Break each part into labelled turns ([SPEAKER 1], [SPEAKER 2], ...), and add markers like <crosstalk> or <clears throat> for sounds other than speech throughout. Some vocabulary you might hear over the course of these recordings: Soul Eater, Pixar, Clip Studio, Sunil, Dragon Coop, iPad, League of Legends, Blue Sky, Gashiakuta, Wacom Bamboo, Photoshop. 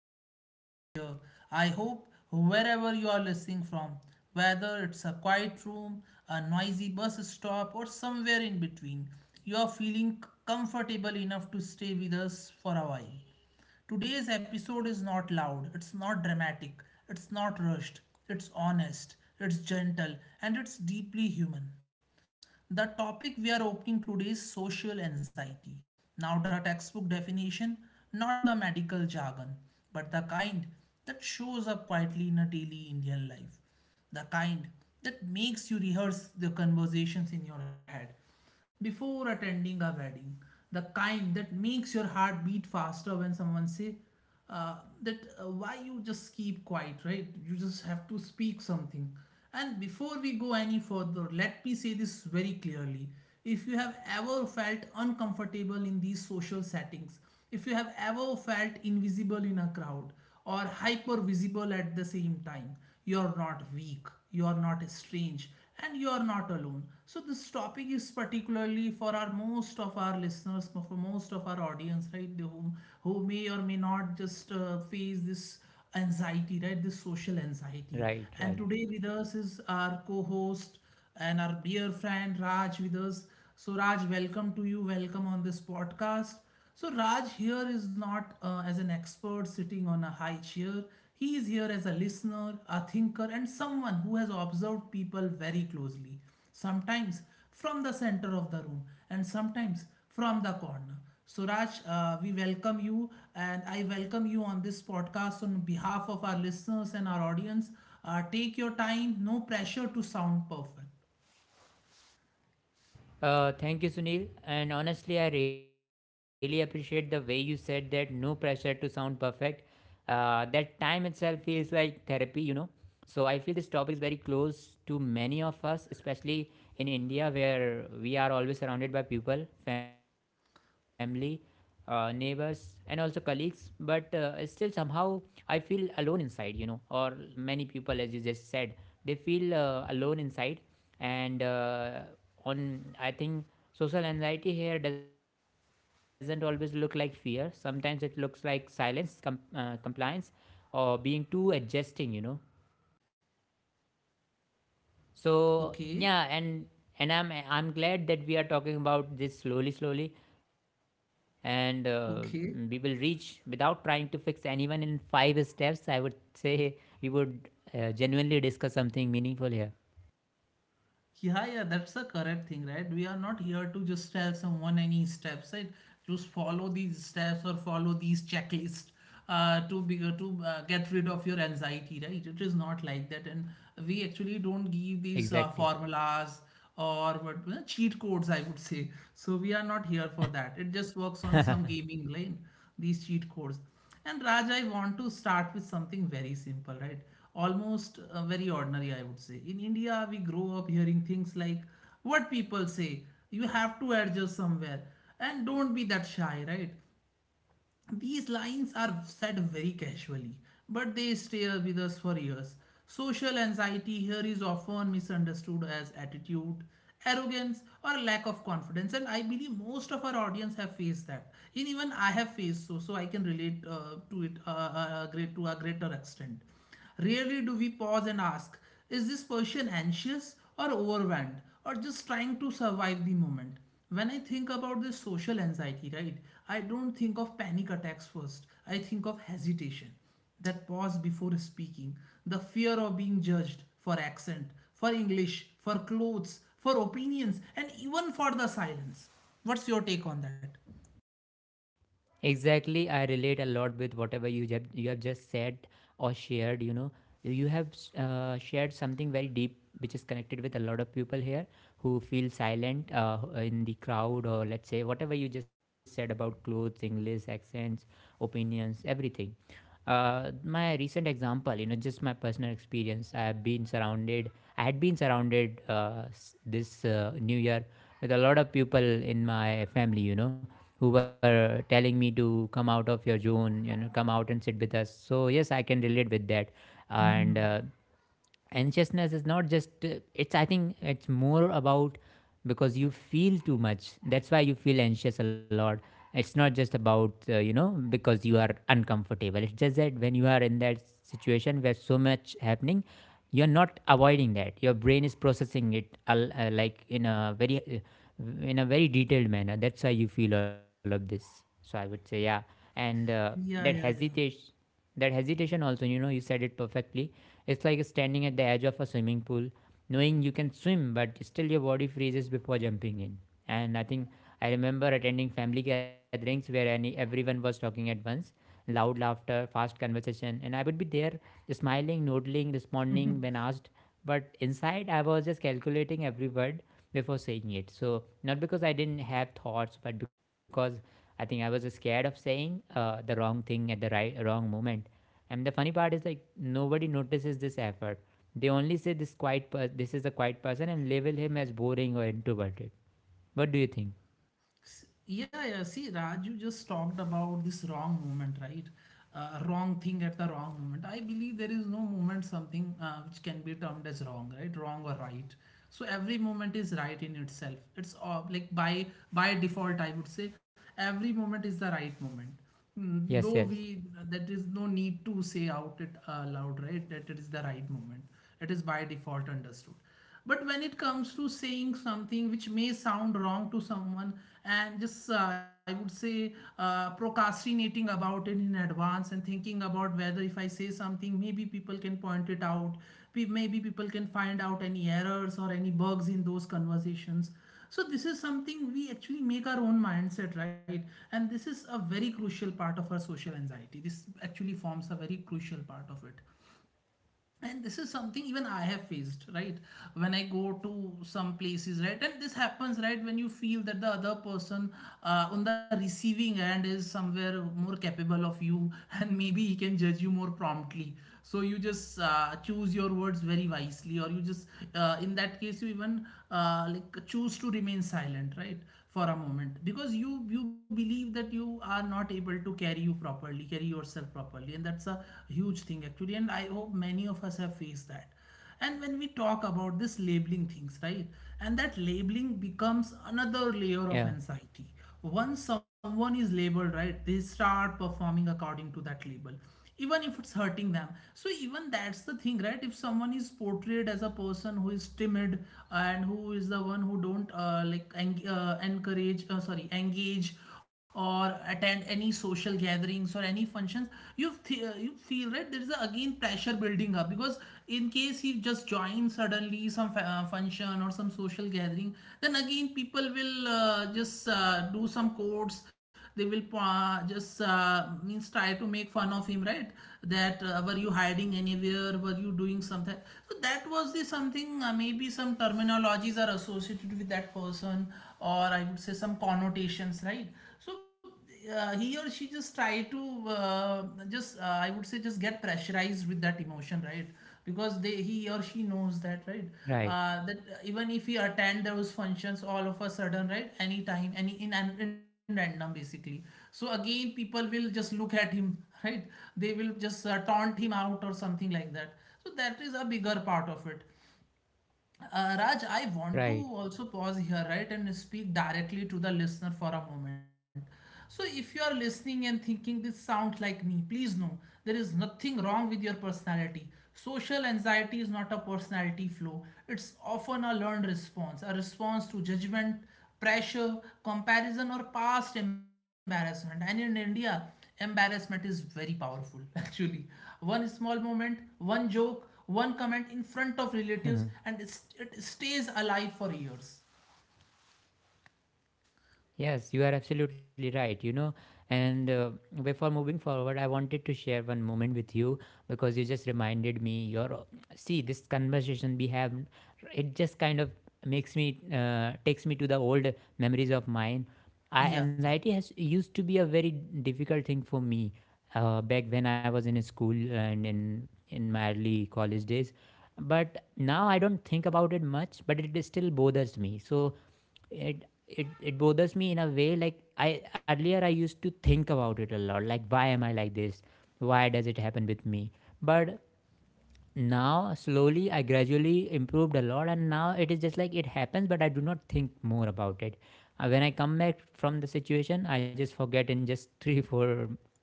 [SPEAKER 1] This is Sunil here. I hope wherever you are listening from, whether it's a quiet room, a noisy bus stop, or somewhere in between, you are feeling comfortable enough to stay with us for a while. Today's episode is not loud, it's not dramatic, it's not rushed, it's honest, it's gentle, and it's deeply human. The topic we are opening today is social anxiety. Now, the textbook definition, not the medical jargon, but the kind that shows up quietly in a daily Indian life. The kind that makes you rehearse the conversations in your head before attending a wedding. The kind that makes your heart beat faster when someone say uh, that why you just keep quiet, right? You just have to speak something. And before we go any further, let me say this very clearly, if you have ever felt uncomfortable in these social settings, if you have ever felt invisible in a crowd or hyper visible at the same time, you're not weak, you're not strange, and you are not alone. So this topic is particularly for our most of our listeners, for most of our audience, right? Who may or may not just face this anxiety, right? This social anxiety.
[SPEAKER 2] Right,
[SPEAKER 1] And
[SPEAKER 2] right.
[SPEAKER 1] today with us is our co-host and our dear friend Raj with us. So, Raj, welcome to you. Welcome on this podcast. So, Raj here is not as an expert sitting on a high chair. He is here as a listener, a thinker, and someone who has observed people very closely. Sometimes from the center of the room, and sometimes from the corner. Suraj, we welcome you and I welcome you on this podcast on behalf of our listeners and our audience. Take your time, no pressure to sound perfect.
[SPEAKER 2] Thank you, Sunil. And honestly, I really appreciate the way you said that, no pressure to sound perfect. That time itself feels like therapy, you know. So I feel this topic is very close to many of us, especially in India, where we are always surrounded by people, family, neighbors, and also colleagues, but still somehow I feel alone inside, you know. Or many people, as you just said, they feel alone inside, and on I think social anxiety here doesn't always look like fear. Sometimes it looks like silence, compliance, or being too adjusting, you know.
[SPEAKER 1] Okay,
[SPEAKER 2] So yeah. And I'm glad that we are talking about this slowly slowly, and we will
[SPEAKER 1] okay.
[SPEAKER 2] reach without trying to fix anyone in five steps, I would say. We would genuinely discuss something meaningful here.
[SPEAKER 1] Yeah, yeah, that's the correct thing, right? We are not here to just tell someone any steps, right? Just follow these steps or follow these checklists to be to get rid of your anxiety, right? It is not like that, and we actually don't give these
[SPEAKER 2] Exactly.
[SPEAKER 1] formulas or what cheat codes, I would say. So we are not here for that. It just
[SPEAKER 2] <laughs>
[SPEAKER 1] works on some gaming lane, these cheat codes. And Raj, I want to start with something very simple, right? Almost very ordinary, I would say. In India, we grow up hearing things like what people say, you have to adjust somewhere, and don't be that shy, right? These lines are said very casually, but they stay with us for years. Social anxiety here is often misunderstood as attitude, arrogance, or lack of confidence, and I believe most of our audience have faced that. And even I have faced so, so I can relate to it great to a greater extent. Rarely do we pause and ask, is this person anxious or overwhelmed or just trying to survive the moment? When I think about this social anxiety, right, I don't think of panic attacks first. I think of hesitation, that pause before speaking, the fear of being judged for accent, for English, for clothes, for opinions, and even for the silence. What's your take on that?
[SPEAKER 2] Exactly, I relate a lot with whatever you have just said or shared, you know. You have shared something very deep which is connected with a lot of people here who feel silent in the crowd, or let's say whatever you just said about clothes, English, accents, opinions, everything. My recent example, you know, just my personal experience. I had been surrounded this new year with a lot of people in my family, you know, who were telling me to come out of your zone, you know, come out and sit with us. So yes, I can relate with that. And anxiousness is not just it's I think it's more about, because you feel too much, that's why you feel anxious a lot. It's not just about, you know, because you are uncomfortable. It's just that when you are in that situation where so much happening, you're not avoiding that, your brain is processing it like in a very, in a very detailed manner. That's why you feel all of this. So I would say, yeah. And that
[SPEAKER 1] Yeah, yeah, yeah.
[SPEAKER 2] hesitation, that hesitation also, you know, you said it perfectly. It's like standing at the edge of a swimming pool, knowing you can swim, but still your body freezes before jumping in. And I think I remember attending family gatherings where everyone was talking at once, loud laughter, fast conversation, and I would be there smiling, nodding, responding when asked. But inside, I was just calculating every word before saying it. So, not because I didn't have thoughts, but because I think I was scared of saying the wrong thing at the wrong moment. And the funny part is, like, nobody notices this effort. They only say, this is a quiet person, and label him as boring or introverted. What do you think?
[SPEAKER 1] Yeah, yeah. See, Raj, you just talked about this wrong moment, right? Wrong thing at the wrong moment. I believe there is no moment something which can be termed as wrong, right? Wrong or right. So every moment is right in itself. It's like by default, I would say every moment is the right moment. Mm, though
[SPEAKER 2] Yes,
[SPEAKER 1] we,
[SPEAKER 2] yes.
[SPEAKER 1] that is no need to say out it loud, right? That it is the right moment. It is by default understood, but when it comes to saying something which may sound wrong to someone, and just I would say procrastinating about it in advance and thinking about whether if I say something, maybe people can point it out. Maybe people can find out any errors or any bugs in those conversations. So, this is something we actually make our own mindset, right? And this is a very crucial part of our social anxiety. This actually forms a very crucial part of it, and this is something even I have faced, right? When I go to some places, right, and this happens, right, when you feel that the other person on the receiving end is somewhere more capable of you <laughs> and maybe he can judge you more promptly. So you just choose your words very wisely, or you just in that case you even like choose to remain silent, right, for a moment, because you believe that you are not able to carry you properly, carry yourself properly, and that's a huge thing actually, and I hope many of us have faced that. And when we talk about this labeling things, right, and that labeling becomes another layer of
[SPEAKER 2] Yeah.
[SPEAKER 1] anxiety. Once someone is labeled, right, they start performing according to that label, even if it's hurting them. So even that's the thing, right? If someone is portrayed as a person who is timid and who is the one who don't encourage, sorry, engage or attend any social gatherings or any functions, you feel, right, there is a, again pressure building up, because in case he just joins suddenly some function or some social gathering, then again people will just do some quotes. They will just means try to make fun of him, right? That were you hiding anywhere, were you doing something? So that was the something, maybe some terminologies are associated with that person, or I would say some connotations, right? So he or she just try to uh, just I would say just get pressurized with that emotion, right? Because they, he or she knows that, right?
[SPEAKER 2] Right.
[SPEAKER 1] That even if he attend those functions all of a sudden, right, anytime, any in random basically. So again people will just look at him, right? They will just taunt him out or something like that. So that is a bigger part of it. Raj I want to
[SPEAKER 2] Right.
[SPEAKER 1] also pause here, right, and speak directly to the listener for a moment. So, if you are listening and thinking this sounds like me, please know there is nothing wrong with your personality. Social anxiety is not a personality flaw, it's often a learned response, a response to judgment, pressure, comparison, or past embarrassment. And in India, embarrassment is very powerful, <laughs> actually. One small moment, one joke, one comment in front of relatives,
[SPEAKER 2] <laughs>
[SPEAKER 1] and it stays alive for years.
[SPEAKER 2] Yes, you are absolutely right. You know, and before moving forward, I wanted to share one moment with you because you just reminded me. Your See, this conversation we have, it just kind of, makes me takes me to the old memories of mine. I, anxiety
[SPEAKER 1] Yeah.
[SPEAKER 2] has used to be a very difficult thing for me back when I was in school and in my early college days. But now I don't think about it much, but it is still bothers me. So it bothers me in a way. Like, I earlier I used to think about it a lot, like, why am I like this? Why does it happen with me? But now slowly I gradually improved a lot, and now it is just like it happens, but I do not think more about it. When I come back from the situation, I just forget in just <laughs> 3 4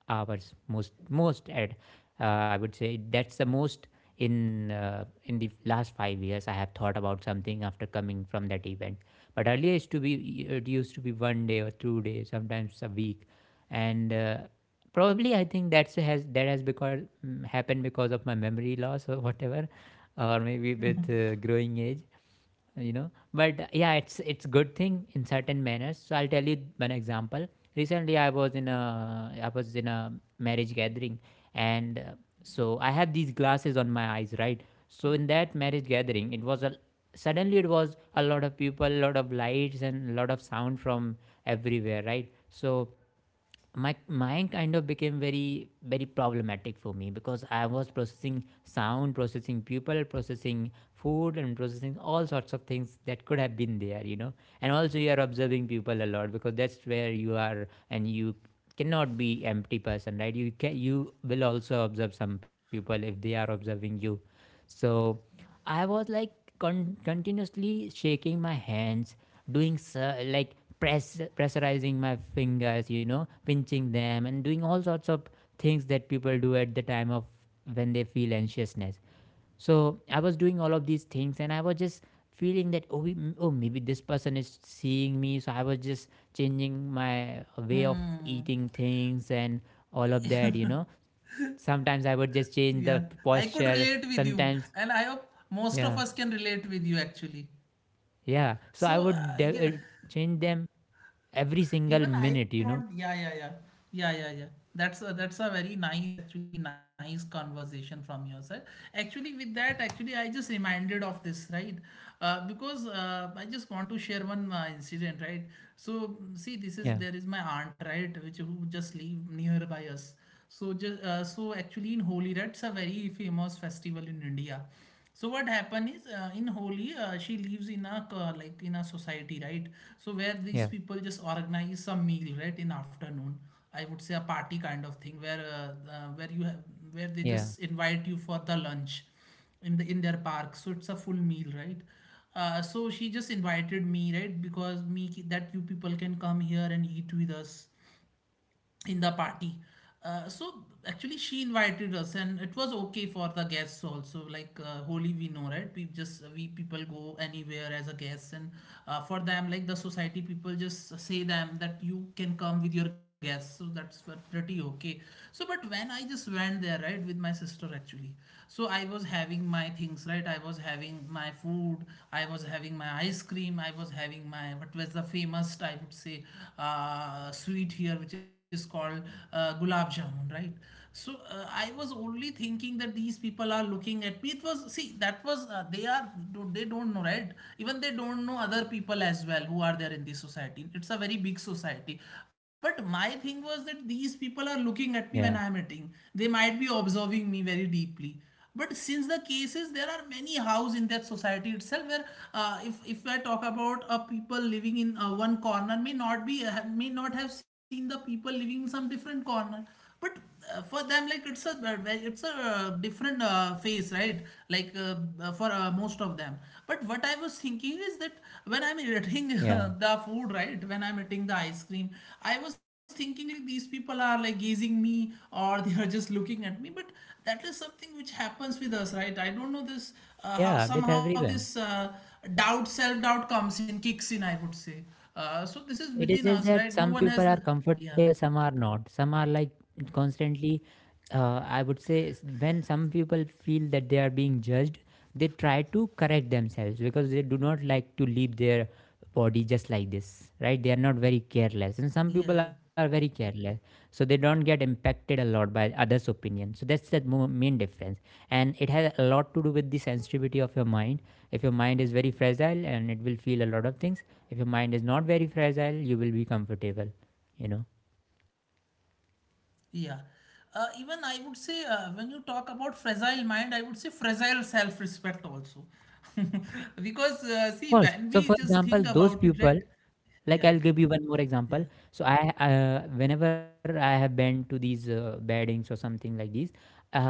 [SPEAKER 2] hours. Most most at uh, I would say that's the most in, in the last 5 years I have thought about something after coming from that event. But earlier it used to be, it used to be one day or 2 days, sometimes a week. And probably I think that has happened because of my memory loss or whatever, or maybe with growing age, you know. But yeah, it's good thing in certain manners. So I'll tell you one example. Recently I was in a marriage gathering. And So I have these glasses on my eyes, right? So in that marriage gathering, it was a suddenly it was a lot of people, a lot of lights, and a lot of sound from everywhere, right? So my mind kind of became very very problematic for me because I was processing sound, processing people, processing food, and processing all sorts of things that could have been there, you know. And also you are observing people a lot because that's where you are, and you cannot be empty person, right? You will also observe some people if they are observing you. So I was like continuously shaking my hands, doing so, like, pressurizing my fingers, you know, pinching them and doing all sorts of things that people do at the time of when they feel anxiousness. So I was doing all of these things, and I was just feeling that, oh, maybe this person is seeing me. So I was just changing my way of
[SPEAKER 1] Hmm.
[SPEAKER 2] eating things, and all of that, you know. Sometimes I would just change the
[SPEAKER 1] Yeah. I
[SPEAKER 2] posture,
[SPEAKER 1] could relate with
[SPEAKER 2] sometimes.
[SPEAKER 1] you, and I hope
[SPEAKER 2] Yeah.
[SPEAKER 1] most of us can relate with you, actually.
[SPEAKER 2] Yeah, so I would
[SPEAKER 1] So,
[SPEAKER 2] de-
[SPEAKER 1] yeah.
[SPEAKER 2] change them every single minute
[SPEAKER 1] Even
[SPEAKER 2] you
[SPEAKER 1] I
[SPEAKER 2] know
[SPEAKER 1] want, yeah, yeah, yeah, yeah, yeah, yeah, that's a very nice actually nice conversation from your side. Actually with that, actually I just reminded of this, right? Because I just want to share one incident, right? So mm, see this is,
[SPEAKER 2] Yeah,
[SPEAKER 1] there is my aunt, right, which who just live nearby us. So just so actually in Holi, that's a very famous festival in India. So what happened is in Holi she lives in a like in a society, right. So where these
[SPEAKER 2] yeah,
[SPEAKER 1] people just organize some meal, right, in afternoon. I would say a party kind of thing where you have, where they
[SPEAKER 2] yeah,
[SPEAKER 1] just invite you for the lunch in the in their park, so it's a full meal, right? So she just invited me, right? Because me that you people can come here and eat with us in the party. So actually, she invited us, and it was okay for the guests also. Like Holi, we know, right? We just we people go anywhere as a guest, and for them, like the society people just say them that you can come with your guests. So that's were pretty okay. So, but when I just went there, right, with my sister, actually, so I was having my things, right? I was having my food, I was having my ice cream, I was having my, what was the famous, I would say, sweet here, which is called gulab jamun, right? So I was only thinking that these people are looking at me. It was, see, that was, they are, they don't know, right? Even they don't know other people as well who are there in this society. It's a very big big society. But my thing was that these people are looking at me when I
[SPEAKER 2] yeah,
[SPEAKER 1] am eating. They might be observing me very deeply. But since the cases, there are many houses in that society itself where, if I talk about a people living in one corner may not be, may not have seen the people living in some different corner. But for them, like, it's a, it's a different phase, right? Like, for most of them. But what I was thinking is that when I'm eating <laughs>
[SPEAKER 2] yeah,
[SPEAKER 1] the food, right, when I'm eating the ice cream, I was thinking like these people are like gazing me, or <laughs> they are just looking at me. But that is something which happens with us, right? I don't know this,
[SPEAKER 2] yeah,
[SPEAKER 1] how
[SPEAKER 2] with
[SPEAKER 1] somehow
[SPEAKER 2] everyone.
[SPEAKER 1] this doubt, self doubt comes in, kicks in, I would say. So this is
[SPEAKER 2] It is
[SPEAKER 1] within us,
[SPEAKER 2] just
[SPEAKER 1] right?
[SPEAKER 2] that
[SPEAKER 1] No
[SPEAKER 2] some
[SPEAKER 1] one has
[SPEAKER 2] people
[SPEAKER 1] the.
[SPEAKER 2] are
[SPEAKER 1] Yeah,
[SPEAKER 2] comfortable, some are not. Some are like constantly, I would say, when some people feel that they are being judged, they try to correct themselves because they do not like to leave their body just like this, right? They are not very careless. And
[SPEAKER 1] yeah,
[SPEAKER 2] some
[SPEAKER 1] yeah.
[SPEAKER 2] people are very careless. So they don't get impacted a lot by others' opinion. So that's the main difference. And it has a lot to do with the sensitivity of your mind. If your mind is very fragile, and it will feel a lot of things. If your mind is not very fragile, you will be comfortable, you know.
[SPEAKER 1] Yeah. Even I would say, when you talk about fragile mind, I would say fragile self respect also. <laughs> Because, see, when
[SPEAKER 2] Of
[SPEAKER 1] we
[SPEAKER 2] course.
[SPEAKER 1] just
[SPEAKER 2] So, for
[SPEAKER 1] think about
[SPEAKER 2] example,
[SPEAKER 1] it,
[SPEAKER 2] those
[SPEAKER 1] right?
[SPEAKER 2] people,
[SPEAKER 1] Yeah.
[SPEAKER 2] like I'll give you one more
[SPEAKER 1] Yeah.
[SPEAKER 2] example. So I, whenever I have been to these weddings or something like these, uh,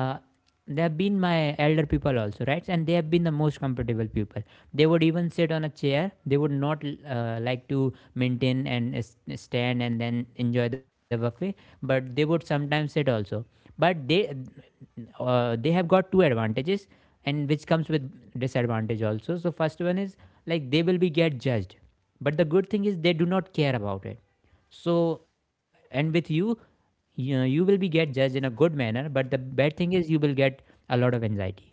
[SPEAKER 2] they have been my elder people also, right? And they have been the most comfortable people. They would even sit on a chair. They would not like to maintain and stand and then enjoy the buffet, but they would sometimes sit also. But they, they have got two advantages, and which comes with disadvantage also. So first one is, like, they will be get judged, but the good thing is they do not care about it. So, and with you, you know, you will be get judged in a good manner, but the bad thing is you will get a lot of anxiety.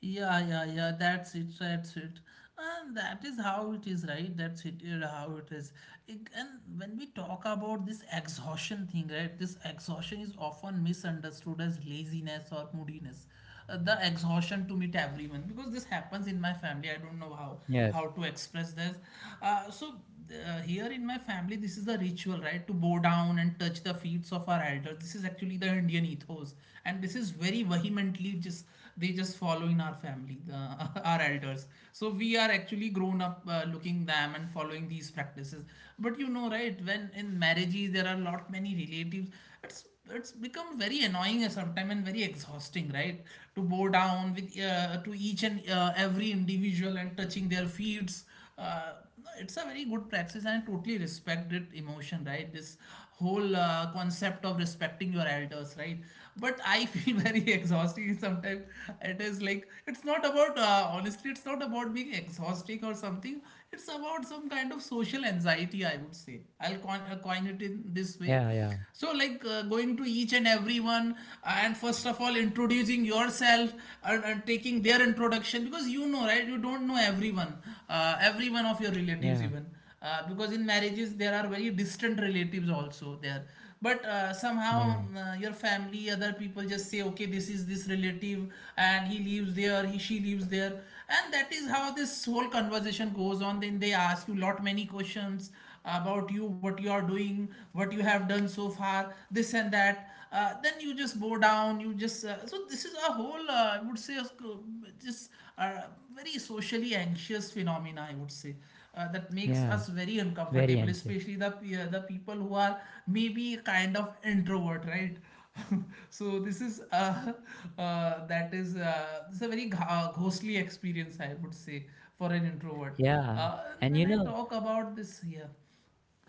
[SPEAKER 1] Yeah, yeah, yeah. That's it. That's it. And that is how it is, right? That's it. Yeah. How it is. And when we talk about this exhaustion thing, right? This exhaustion is often misunderstood as laziness or moodiness. The exhaustion to meet everyone, because this happens in my family. I don't know how
[SPEAKER 2] Yes.
[SPEAKER 1] how to express this. So here in my family, this is the ritual, right? To bow down and touch the feet of our elders. This is actually the Indian ethos, and this is very vehemently just they just follow in our family, the, <laughs> our elders. So we are actually grown up, looking them and following these practices. But you know, right, when in marriages there are lot many relatives, it's it's become very annoying sometimes and very exhausting, right? To bow down with, to each and every individual and touching their feet. No, it's a very good practice, and I totally respect it emotion, right? This whole concept of respecting your elders, right? But I <laughs> feel very exhausting sometimes. It is like, it's not about, honestly, it's not about being exhausting or something. It's about some kind of social anxiety, I would say. I'll coin it in this way.
[SPEAKER 2] Yeah, yeah,
[SPEAKER 1] So, like, going to each and everyone, and first of all introducing yourself, and taking their introduction, because you know, right, you don't know everyone, every one of your relatives
[SPEAKER 2] yeah,
[SPEAKER 1] even, because in marriages there are very distant relatives also there. But somehow
[SPEAKER 2] yeah,
[SPEAKER 1] your family other people just say, okay, this is this relative, and he lives there, he she lives there. And that is how this whole conversation goes on. Then they ask you lot many questions about you, what you are doing, what you have done so far, this and that. Then you just bow down. You just, so this is a whole, I would say, a just a very socially anxious phenomena, I would say. That makes
[SPEAKER 2] yeah,
[SPEAKER 1] us very
[SPEAKER 2] very
[SPEAKER 1] uncomfortable,
[SPEAKER 2] anxious.
[SPEAKER 1] especially the the people who are maybe kind of introvert, right? <laughs> So this is, that is this is a very ghostly experience, I would say, for an introvert.
[SPEAKER 2] Yeah.
[SPEAKER 1] And
[SPEAKER 2] And
[SPEAKER 1] when
[SPEAKER 2] you
[SPEAKER 1] I
[SPEAKER 2] know,
[SPEAKER 1] talk about this, here.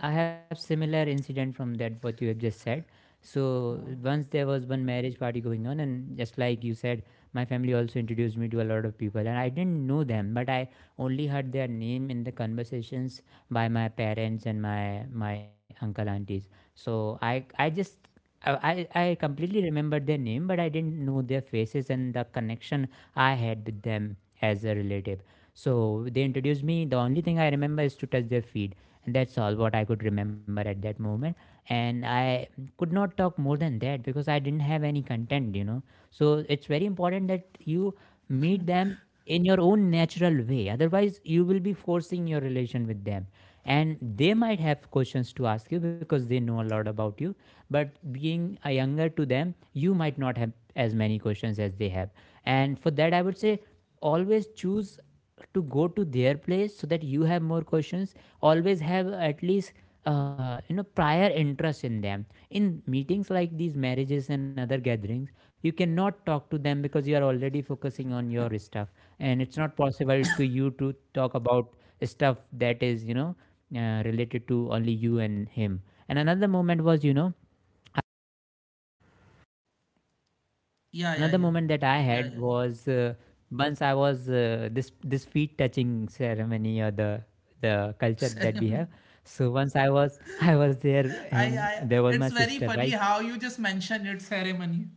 [SPEAKER 2] I have similar incident from that what you have just said. So once there was one marriage party going on, and just like you said, my family also introduced me to a lot of people, and I didn't know them, but I only heard their name in the conversations by my parents and my uncle aunties. So I just I completely remembered their name, but I didn't know their faces and the connection I had with them as a relative. So they introduced me. The only thing I remember is to touch their feet, and that's all what I could remember at that moment. And I could not talk more than that because I didn't have any content, you know. So it's very important that you meet them in your own natural way. Otherwise, you will be forcing your relation with them. And they might have questions to ask you because they know a lot about you. But being a younger to them, you might not have as many questions as they have. And for that, I would say, always choose to go to their place so that you have more questions. Always have at least, you know, prior interest in them. In meetings like these marriages and other gatherings, you cannot talk to them because you are already focusing on your stuff, and it's not possible to you to talk about stuff that is, you know, related to only you and him. And another moment was you know
[SPEAKER 1] Yeah, yeah, yeah.
[SPEAKER 2] Another moment that I
[SPEAKER 1] Yeah, yeah,
[SPEAKER 2] had
[SPEAKER 1] yeah.
[SPEAKER 2] was once I was, this this feet touching ceremony, or the
[SPEAKER 1] <laughs>
[SPEAKER 2] culture that we
[SPEAKER 1] Ceremony.
[SPEAKER 2] have. So once I was <laughs> I was there
[SPEAKER 1] I,
[SPEAKER 2] and
[SPEAKER 1] I,
[SPEAKER 2] there was my
[SPEAKER 1] it's very
[SPEAKER 2] sister,
[SPEAKER 1] funny
[SPEAKER 2] right?
[SPEAKER 1] how you just mentioned it, ceremony.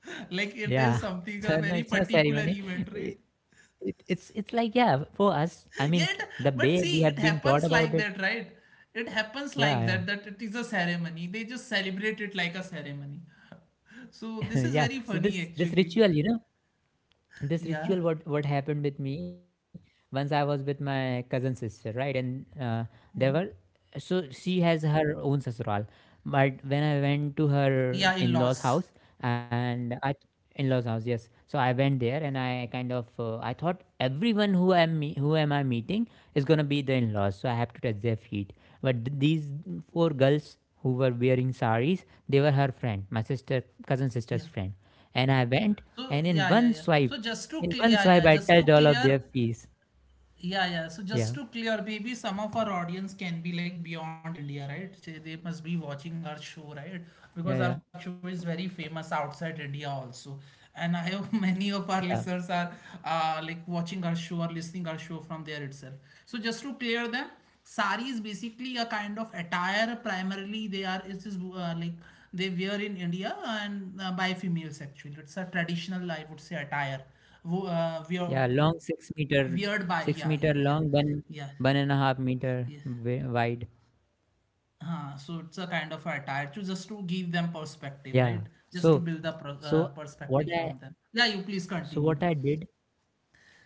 [SPEAKER 1] <laughs> Like, it is
[SPEAKER 2] Yeah. <laughs>
[SPEAKER 1] something,
[SPEAKER 2] So
[SPEAKER 1] a
[SPEAKER 2] no,
[SPEAKER 1] very
[SPEAKER 2] it's not
[SPEAKER 1] particular
[SPEAKER 2] ceremony.
[SPEAKER 1] event, right?
[SPEAKER 2] It, it's like yeah for us. I
[SPEAKER 1] <laughs>
[SPEAKER 2] mean
[SPEAKER 1] Yet,
[SPEAKER 2] the
[SPEAKER 1] but
[SPEAKER 2] way we
[SPEAKER 1] see, it
[SPEAKER 2] have been
[SPEAKER 1] happens
[SPEAKER 2] taught
[SPEAKER 1] like
[SPEAKER 2] about it.
[SPEAKER 1] that, right? It happens like that,
[SPEAKER 2] Yeah,
[SPEAKER 1] that it is a ceremony. They just celebrate it like a ceremony. <laughs> So
[SPEAKER 2] yeah,
[SPEAKER 1] this
[SPEAKER 2] <laughs>
[SPEAKER 1] is
[SPEAKER 2] yeah.
[SPEAKER 1] very
[SPEAKER 2] So this
[SPEAKER 1] funny
[SPEAKER 2] this
[SPEAKER 1] actually.
[SPEAKER 2] ritual, this ritual.
[SPEAKER 1] Yeah,
[SPEAKER 2] What happened with me once I was with my cousin sister, right? And there were
[SPEAKER 1] yeah.
[SPEAKER 2] so she has her own sasural but when I went to her
[SPEAKER 1] Yeah, in
[SPEAKER 2] in-laws
[SPEAKER 1] laws.
[SPEAKER 2] house and I in-laws house, yes. So I went there and I kind of I thought everyone who am I meeting is going to be the in-laws, so I have to touch their feet. But these four girls who were wearing saris, they were her friend, my sister cousin
[SPEAKER 1] Yeah.
[SPEAKER 2] sister's friend. And I went
[SPEAKER 1] So
[SPEAKER 2] and in
[SPEAKER 1] yeah, yeah,
[SPEAKER 2] one
[SPEAKER 1] yeah. So
[SPEAKER 2] swipe,
[SPEAKER 1] just to
[SPEAKER 2] in
[SPEAKER 1] clear,
[SPEAKER 2] one
[SPEAKER 1] yeah, yeah,
[SPEAKER 2] swipe I
[SPEAKER 1] just to
[SPEAKER 2] touched all of
[SPEAKER 1] clear,
[SPEAKER 2] their feet.
[SPEAKER 1] yeah, yeah. So just
[SPEAKER 2] Yeah,
[SPEAKER 1] to clear, maybe some of our audience can be like beyond India, right? So they must be watching our show, right? Because
[SPEAKER 2] yeah,
[SPEAKER 1] our
[SPEAKER 2] yeah,
[SPEAKER 1] show is very famous outside India also. And I hope <laughs> many of our listeners
[SPEAKER 2] yeah,
[SPEAKER 1] are, like, watching our show or listening our show from there itself. So just to clear them, sari is basically a kind of attire. Primarily, they are, it is, like, they wear in India, and by females actually. It's a traditional, I would say, attire. We are
[SPEAKER 2] yeah, long 6 meter,
[SPEAKER 1] weird by,
[SPEAKER 2] six
[SPEAKER 1] yeah,
[SPEAKER 2] meter
[SPEAKER 1] yeah,
[SPEAKER 2] long, one
[SPEAKER 1] yeah,
[SPEAKER 2] 1.5 meter
[SPEAKER 1] yeah,
[SPEAKER 2] wide.
[SPEAKER 1] so it's a kind of attire, to just to give them perspective,
[SPEAKER 2] Yeah.
[SPEAKER 1] right? Just to
[SPEAKER 2] So,
[SPEAKER 1] build the
[SPEAKER 2] so what
[SPEAKER 1] perspective
[SPEAKER 2] I
[SPEAKER 1] from them. Yeah, you please
[SPEAKER 2] so
[SPEAKER 1] continue.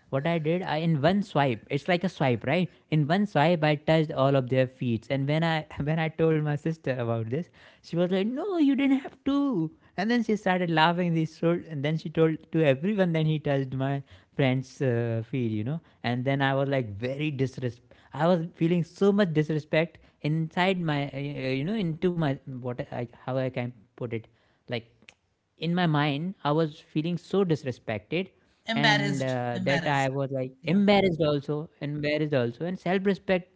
[SPEAKER 2] what I did, I in one swipe, it's like a swipe, right? In one swipe, I touched all of their feet. And when I <laughs> when I told my sister about this, she was like, "No, you didn't have to." And then she started laughing. This told, and then she told to everyone. Then he touched my friend's feet, you know. And then I was like very disrespect. I was feeling so much disrespect inside my, into my what I how I can put it, like in my mind I was feeling so disrespected. And
[SPEAKER 1] Embarrassed,
[SPEAKER 2] that I
[SPEAKER 1] embarrassed.
[SPEAKER 2] was like
[SPEAKER 1] Yeah.
[SPEAKER 2] embarrassed also, embarrassed also, and self respect,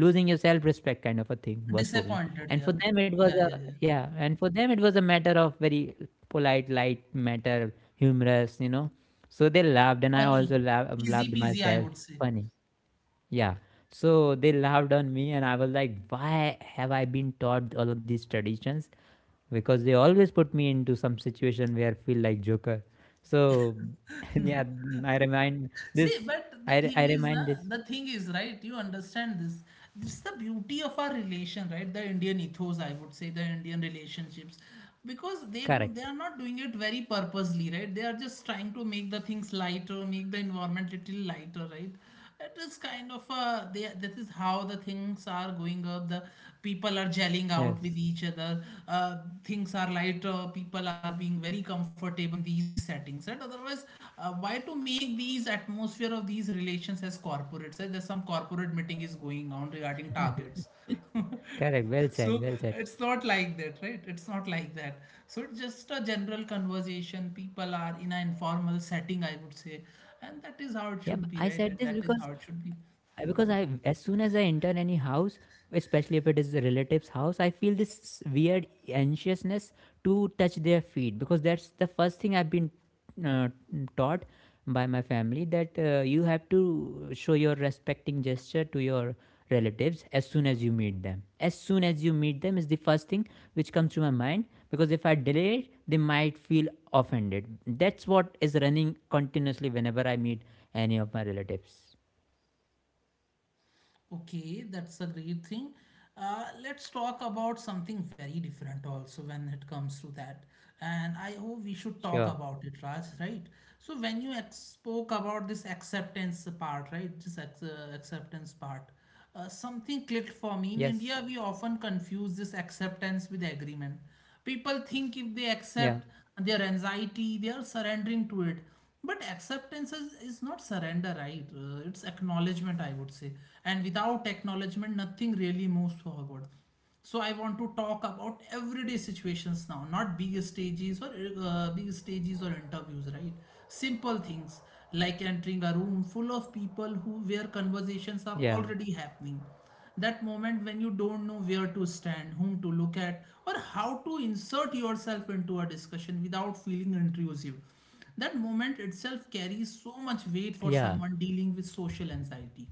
[SPEAKER 2] losing your self respect kind of a thing was for me.
[SPEAKER 1] Disappointed.
[SPEAKER 2] And
[SPEAKER 1] Yeah,
[SPEAKER 2] for them it was
[SPEAKER 1] yeah,
[SPEAKER 2] a
[SPEAKER 1] yeah, yeah.
[SPEAKER 2] yeah, and for them it was a matter of very polite, light matter, humorous, you know. So they laughed and I
[SPEAKER 1] Funny.
[SPEAKER 2] also
[SPEAKER 1] Easy
[SPEAKER 2] laughed
[SPEAKER 1] peasy, I
[SPEAKER 2] myself.
[SPEAKER 1] would say.
[SPEAKER 2] Funny, yeah. So they laughed on me and I was like, why have I been taught all of these traditions, because they always put me into some situation where I feel like Joker. So <laughs> yeah, I remind
[SPEAKER 1] See,
[SPEAKER 2] this.
[SPEAKER 1] but the
[SPEAKER 2] I
[SPEAKER 1] thing is, na,
[SPEAKER 2] remind this.
[SPEAKER 1] the thing is, right? You understand this. This is the beauty of our relation, right? The Indian ethos, I would say, the Indian relationships, because they do, they
[SPEAKER 2] Correct.
[SPEAKER 1] are not doing it very purposely, right? They are just trying to make the things lighter, make the environment little lighter, right? It is kind of, they, this is how the things are going up, the people are gelling out with
[SPEAKER 2] Yes.
[SPEAKER 1] each other. uh, Things are lighter, people are being very comfortable in these settings, and otherwise, why to make these atmosphere of these relations as corporates. Eh, there's some corporate meeting is going on regarding targets. <laughs>
[SPEAKER 2] Correct. Well said.
[SPEAKER 1] So
[SPEAKER 2] Well said.
[SPEAKER 1] it's not like that, right? It's not like that. So it's just a general conversation. People are in an informal setting, I would say. And that is how it should be,
[SPEAKER 2] I said
[SPEAKER 1] right?
[SPEAKER 2] this
[SPEAKER 1] That is
[SPEAKER 2] because
[SPEAKER 1] how it should be.
[SPEAKER 2] because I, as soon as I enter any house, especially if it is a relative's house, I feel this weird anxiousness to touch their feet, because that's the first thing I've been uh, taught by my family, that you have to show your respecting gesture to your relatives as soon as you meet them. As soon as you meet them is the first thing which comes to my mind, because if I delay it, they might feel offended. That's what is running continuously whenever I meet any of my relatives.
[SPEAKER 1] Okay, that's a great thing. Let's talk about something very different also when it comes to that. And I hope we should talk
[SPEAKER 2] Sure.
[SPEAKER 1] about it, Raj, right? So when you ex spoke about this acceptance part, right? This acceptance part. Something clicked for me. In India,
[SPEAKER 2] Yes.
[SPEAKER 1] we often confuse this acceptance with agreement. People think if they
[SPEAKER 2] Yeah.
[SPEAKER 1] accept their anxiety, they are surrendering to it. But acceptance is not surrender, right? It's acknowledgement, I would say. And without acknowledgement, nothing really moves forward. So I want to talk about everyday situations now, not big stages or, interviews, right? Simple things, like entering a room full of people who where conversations are
[SPEAKER 2] Yeah.
[SPEAKER 1] already happening. That moment when you don't know where to stand, whom to look at, or how to insert yourself into a discussion without feeling intrusive. That moment itself carries so much weight for
[SPEAKER 2] Yeah.
[SPEAKER 1] someone dealing with social anxiety.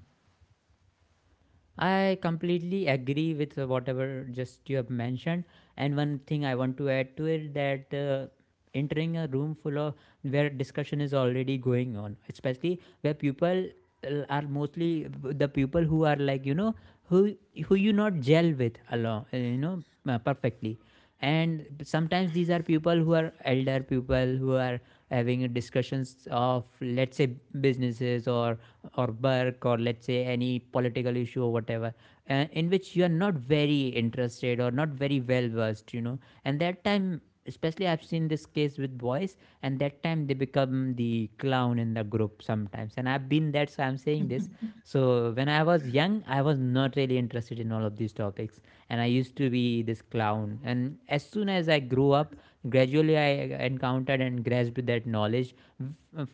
[SPEAKER 2] I completely agree with whatever just you have mentioned. And one thing I want to add to it, that entering a room full of where discussion is already going on, especially where people are mostly the people who are like you know, who who you not gel with along, you know, perfectly. And sometimes these are people who are elder people who are having discussions of, let's say, businesses or work or let's say any political issue or whatever, in which you are not very interested or not very well versed, you know. And that time especially I've seen this case with boys, and that time they become the clown in the group sometimes, and I've been that, so I'm saying this. So when I was young I was not really interested in all of these topics, and I used to be this clown. And as soon as I grew up, gradually I encountered and grasped that knowledge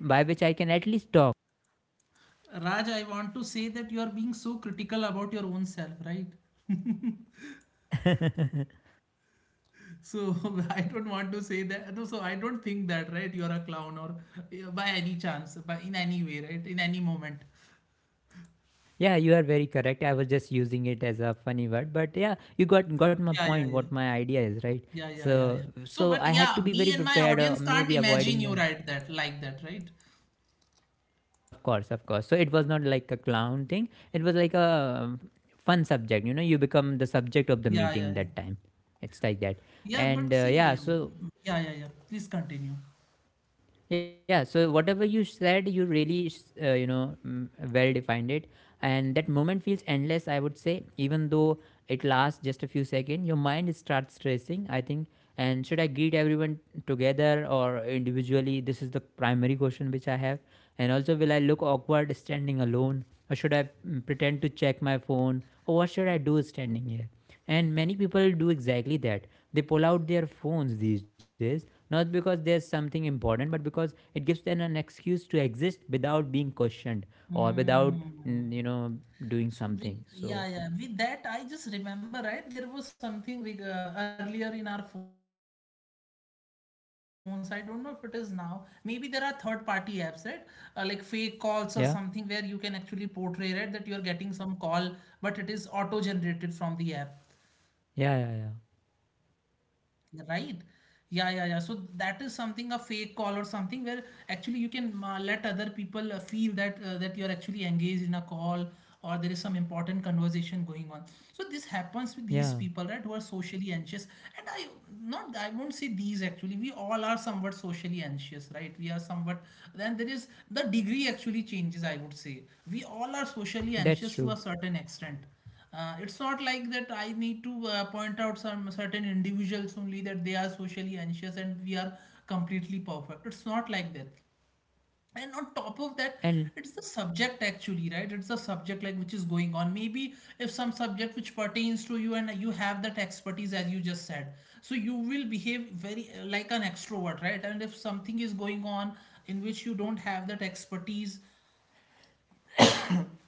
[SPEAKER 2] by which I can at least talk.
[SPEAKER 1] Raj, I want to say that you are being so critical about your own self, right?
[SPEAKER 2] <laughs> Yeah,
[SPEAKER 1] So <laughs> I don't want to say that. No, so I don't think that, right? You are a clown or, yeah, by any chance, by in any way, right? In any moment.
[SPEAKER 2] you are very correct. I was just using it as a funny word, but yeah, you got my
[SPEAKER 1] Yeah, yeah,
[SPEAKER 2] point.
[SPEAKER 1] yeah.
[SPEAKER 2] What my idea is, right?
[SPEAKER 1] Yeah, yeah, yeah,
[SPEAKER 2] So
[SPEAKER 1] yeah. So,
[SPEAKER 2] so
[SPEAKER 1] but
[SPEAKER 2] I had to
[SPEAKER 1] yeah,
[SPEAKER 2] be
[SPEAKER 1] me
[SPEAKER 2] very
[SPEAKER 1] and my
[SPEAKER 2] prepared,
[SPEAKER 1] audience can't
[SPEAKER 2] maybe
[SPEAKER 1] imagine
[SPEAKER 2] avoiding
[SPEAKER 1] you
[SPEAKER 2] them.
[SPEAKER 1] right that, like that, right?
[SPEAKER 2] Of course, of course. So it was not like a clown thing. It was like a um, fun subject. You know, you become the subject of the
[SPEAKER 1] Yeah,
[SPEAKER 2] meeting
[SPEAKER 1] yeah, yeah.
[SPEAKER 2] that time. It's like that
[SPEAKER 1] Yeah,
[SPEAKER 2] and
[SPEAKER 1] but
[SPEAKER 2] yeah
[SPEAKER 1] see,
[SPEAKER 2] so
[SPEAKER 1] yeah, yeah, yeah. Please continue.
[SPEAKER 2] yeah, so whatever you said, you really, well defined it. And that moment feels endless, I would say, even though it lasts just a few seconds. Your mind starts racing, I think. And should I greet everyone together or individually? This is the primary question which I have. And also, will I look awkward standing alone? Or should I pretend to check my phone? Or what should I do standing here? And many people do exactly that. They pull out their phones these days, not because there's something important, but because it gives them an excuse to exist without being questioned, or without,
[SPEAKER 1] Mm.
[SPEAKER 2] mm, you know, doing
[SPEAKER 1] So with,
[SPEAKER 2] something.
[SPEAKER 1] yeah,
[SPEAKER 2] So,
[SPEAKER 1] yeah, with that I just remember, right, there was something, earlier, in our phones. I don't know if it is now. Maybe there are third party apps, right? Like, fake calls or something, where you can actually portray, right, that you are
[SPEAKER 2] yeah,
[SPEAKER 1] getting some call, but it is auto generated from the app.
[SPEAKER 2] yeah, yeah, yeah,
[SPEAKER 1] Right? Yeah, yeah, yeah. So that is something, a fake call or something, where actually you can, let other people, feel that you're actually engaged in a call, or there is some important conversation going on. So this happens with these people, right, who are
[SPEAKER 2] yeah,
[SPEAKER 1] socially anxious. And I won't say these actually. We all are somewhat socially anxious, right? We are somewhat. Then there is, the degree actually changes, I would say. We all are socially
[SPEAKER 2] that's
[SPEAKER 1] anxious to a
[SPEAKER 2] true.
[SPEAKER 1] certain extent. It's not like that I need to, point out some certain individuals only that they are socially anxious and we are completely perfect. It's not like that. And on top of that,
[SPEAKER 2] And
[SPEAKER 1] it's the subject actually, right? It's the subject, like, which is going on. Maybe if some subject which pertains to you and you have that expertise, as you just said, so you will behave very, like an extrovert, right? And if something is going on in which you don't have that expertise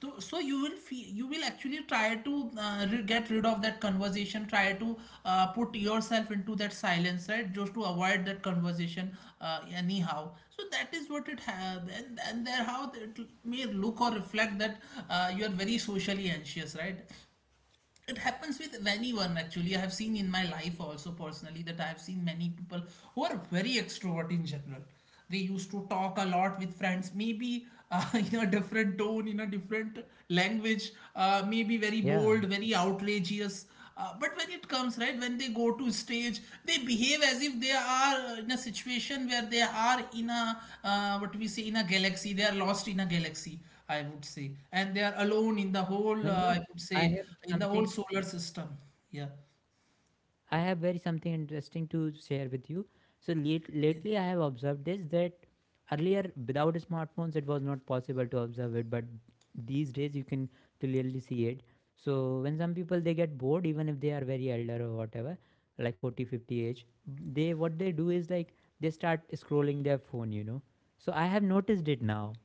[SPEAKER 1] so you will feel you will actually try to get rid of that conversation, try to put yourself into that silence, right, just to avoid that conversation. Anyhow, so that is what it have, and there how it may look or reflect that you are very socially anxious, right. It happens with anyone. Actually, I have seen in my life also personally that I have seen many people who are very extrovert in general. They used to talk a lot with friends, maybe uh, <laughs> in a different tone, in a different language, maybe very
[SPEAKER 2] yeah,
[SPEAKER 1] bold, very outrageous, but when it comes, right, when they go to stage, they behave as if they are in a situation where they are in a what we say, in a galaxy, they are lost in a galaxy, I would say. And they are alone in the whole,
[SPEAKER 2] well, you
[SPEAKER 1] I
[SPEAKER 2] know,
[SPEAKER 1] would
[SPEAKER 2] I
[SPEAKER 1] say,
[SPEAKER 2] have
[SPEAKER 1] in the whole
[SPEAKER 2] something,
[SPEAKER 1] solar system. Yeah.
[SPEAKER 2] I have very something interesting to share with you. So late,
[SPEAKER 1] Yeah.
[SPEAKER 2] lately, I have observed this, that earlier without smartphones it was not possible to observe it, but these days you can clearly see it. So when some people they get bored, even if they are very elder or whatever, like 40, 50 age, they what they do is like they start scrolling their phone, you know. So I have noticed it now.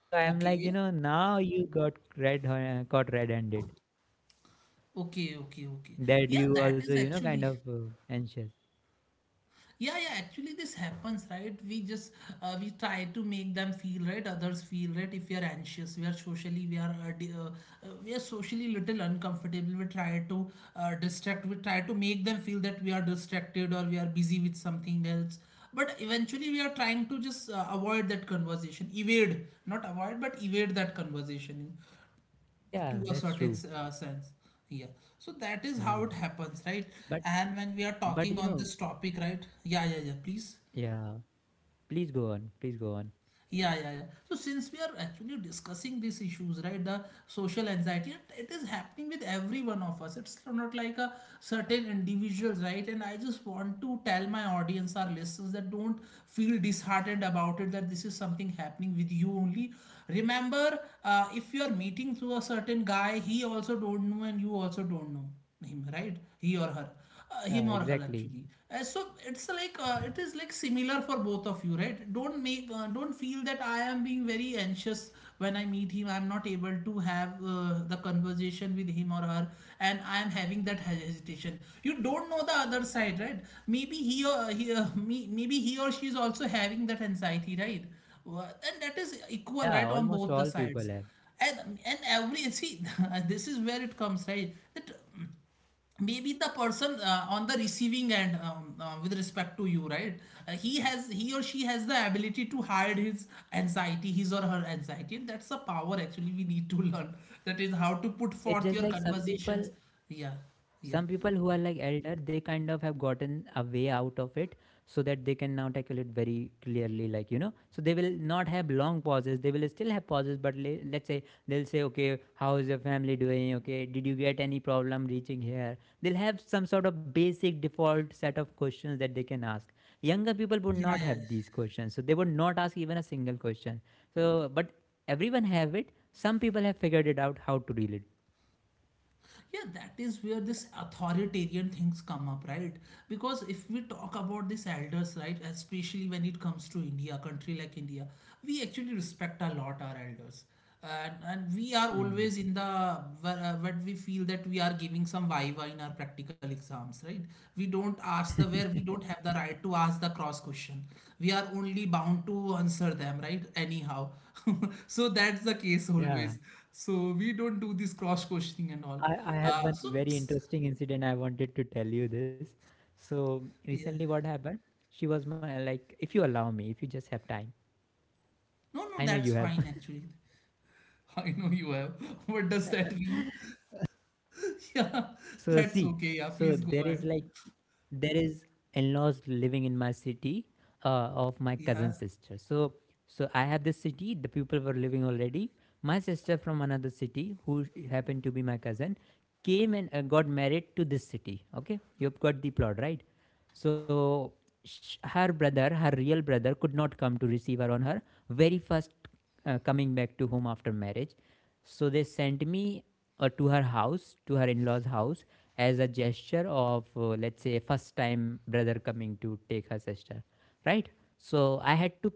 [SPEAKER 2] So I am like, you
[SPEAKER 1] Okay.
[SPEAKER 2] know, now you got caught red-handed.
[SPEAKER 1] Okay. Okay. Okay.
[SPEAKER 2] That
[SPEAKER 1] Yeah,
[SPEAKER 2] you
[SPEAKER 1] that
[SPEAKER 2] also,
[SPEAKER 1] is
[SPEAKER 2] you know, kind
[SPEAKER 1] actually.
[SPEAKER 2] of anxious.
[SPEAKER 1] Yeah, yeah, actually this happens, right? We just we try to make them feel right, others feel right. If we are anxious, we are socially, we are we are socially little uncomfortable, we try to distract, we try to make them feel that we are distracted or we are busy with something else, but eventually we are trying to just avoid that conversation, evade, not avoid but evade that conversation to
[SPEAKER 2] Yeah,
[SPEAKER 1] a
[SPEAKER 2] that's
[SPEAKER 1] certain
[SPEAKER 2] true.
[SPEAKER 1] sense, yeah. So that is how
[SPEAKER 2] Yeah.
[SPEAKER 1] it happens, right?
[SPEAKER 2] But
[SPEAKER 1] And when we are
[SPEAKER 2] but
[SPEAKER 1] talking on this topic, right, yeah, yeah, yeah, please.
[SPEAKER 2] yeah, please go on. Please go on.
[SPEAKER 1] Yeah, yeah, yeah. So since we are actually discussing these issues, right, the social anxiety, it is happening with every one of us. It's not like a certain individual, right? And I just want to tell my audience, our listeners, that don't feel disheartened about it, that this is something happening with you only. Remember, if you are meeting through a certain guy, he also don't know, and you also don't know him, right? He or her,
[SPEAKER 2] Yeah,
[SPEAKER 1] him or her
[SPEAKER 2] exactly.
[SPEAKER 1] actually, so it's like, it is like similar for both of you, right? Don't make, don't feel that I am being very anxious when I meet him. I'm not able to have the conversation with him or her, and I am having that hesitation. You don't know the other side, right? Maybe he or he, maybe he or she is also having that anxiety, right? And that is equal,
[SPEAKER 2] Yeah,
[SPEAKER 1] right, on
[SPEAKER 2] almost
[SPEAKER 1] both the
[SPEAKER 2] all
[SPEAKER 1] sides.
[SPEAKER 2] people have.
[SPEAKER 1] And every, see, <laughs> this is where it comes, right, that maybe the person on the receiving end, with respect to you, right, he or she has the ability to hide his anxiety, his or her anxiety, and that's a power actually we need to learn, that is how to put
[SPEAKER 2] It's just like
[SPEAKER 1] forth your
[SPEAKER 2] some people,
[SPEAKER 1] conversations. Yeah.
[SPEAKER 2] some
[SPEAKER 1] Yeah,
[SPEAKER 2] people who are like elder, they kind of have gotten a way out of it, so that they can now tackle it very clearly, like you know, so they will not have long pauses. They will still have pauses, but let's say they'll say, okay, how is your family doing, okay, did you get any problem reaching here. They'll have some sort of basic default set of questions that they can ask. Younger people would
[SPEAKER 1] yeah,
[SPEAKER 2] not
[SPEAKER 1] yeah, yeah.
[SPEAKER 2] have these questions, so they would not ask even a single question. So but everyone have it, some people have figured it out how to deal it.
[SPEAKER 1] Yeah, that is where this authoritarian things come up, right? Because if we talk about these elders, right, especially when it comes to India, a country like India, we actually respect a lot our elders, and we are
[SPEAKER 2] Hmm.
[SPEAKER 1] always in the where, when we feel that we are giving some viva in our practical exams, right, we don't ask the where we don't have the right to ask the cross question, we are only bound to answer them, right, anyhow. <laughs> So that's the case
[SPEAKER 2] Yeah.
[SPEAKER 1] always. So we don't do this cross questioning and all.
[SPEAKER 2] I have
[SPEAKER 1] uh,
[SPEAKER 2] one
[SPEAKER 1] so,
[SPEAKER 2] very
[SPEAKER 1] s-
[SPEAKER 2] interesting incident, I wanted to tell you this. So
[SPEAKER 1] yeah.
[SPEAKER 2] recently what happened? She was my, like, if you allow me, if you just have time.
[SPEAKER 1] No, no,
[SPEAKER 2] I know
[SPEAKER 1] that's
[SPEAKER 2] you have.
[SPEAKER 1] fine actually. <laughs> I know you have. <laughs> What does that mean? <laughs> Yeah,
[SPEAKER 2] So
[SPEAKER 1] that's
[SPEAKER 2] see,
[SPEAKER 1] okay. Yeah,
[SPEAKER 2] so
[SPEAKER 1] please go
[SPEAKER 2] there is
[SPEAKER 1] ahead.
[SPEAKER 2] like, there is in-laws living in my city, uh, of my
[SPEAKER 1] Yeah,
[SPEAKER 2] cousin sister. So so I have this city. The people were living already. My sister from another city, who happened to be my cousin, came and got married to this city. Okay, you've got the plot right. So her brother, her real brother, could not come to receive her on her very first coming back to home after marriage. So they sent me to her house, to her in-laws' house, as a gesture of, let's say, first-time brother coming to take her sister, right? So I had to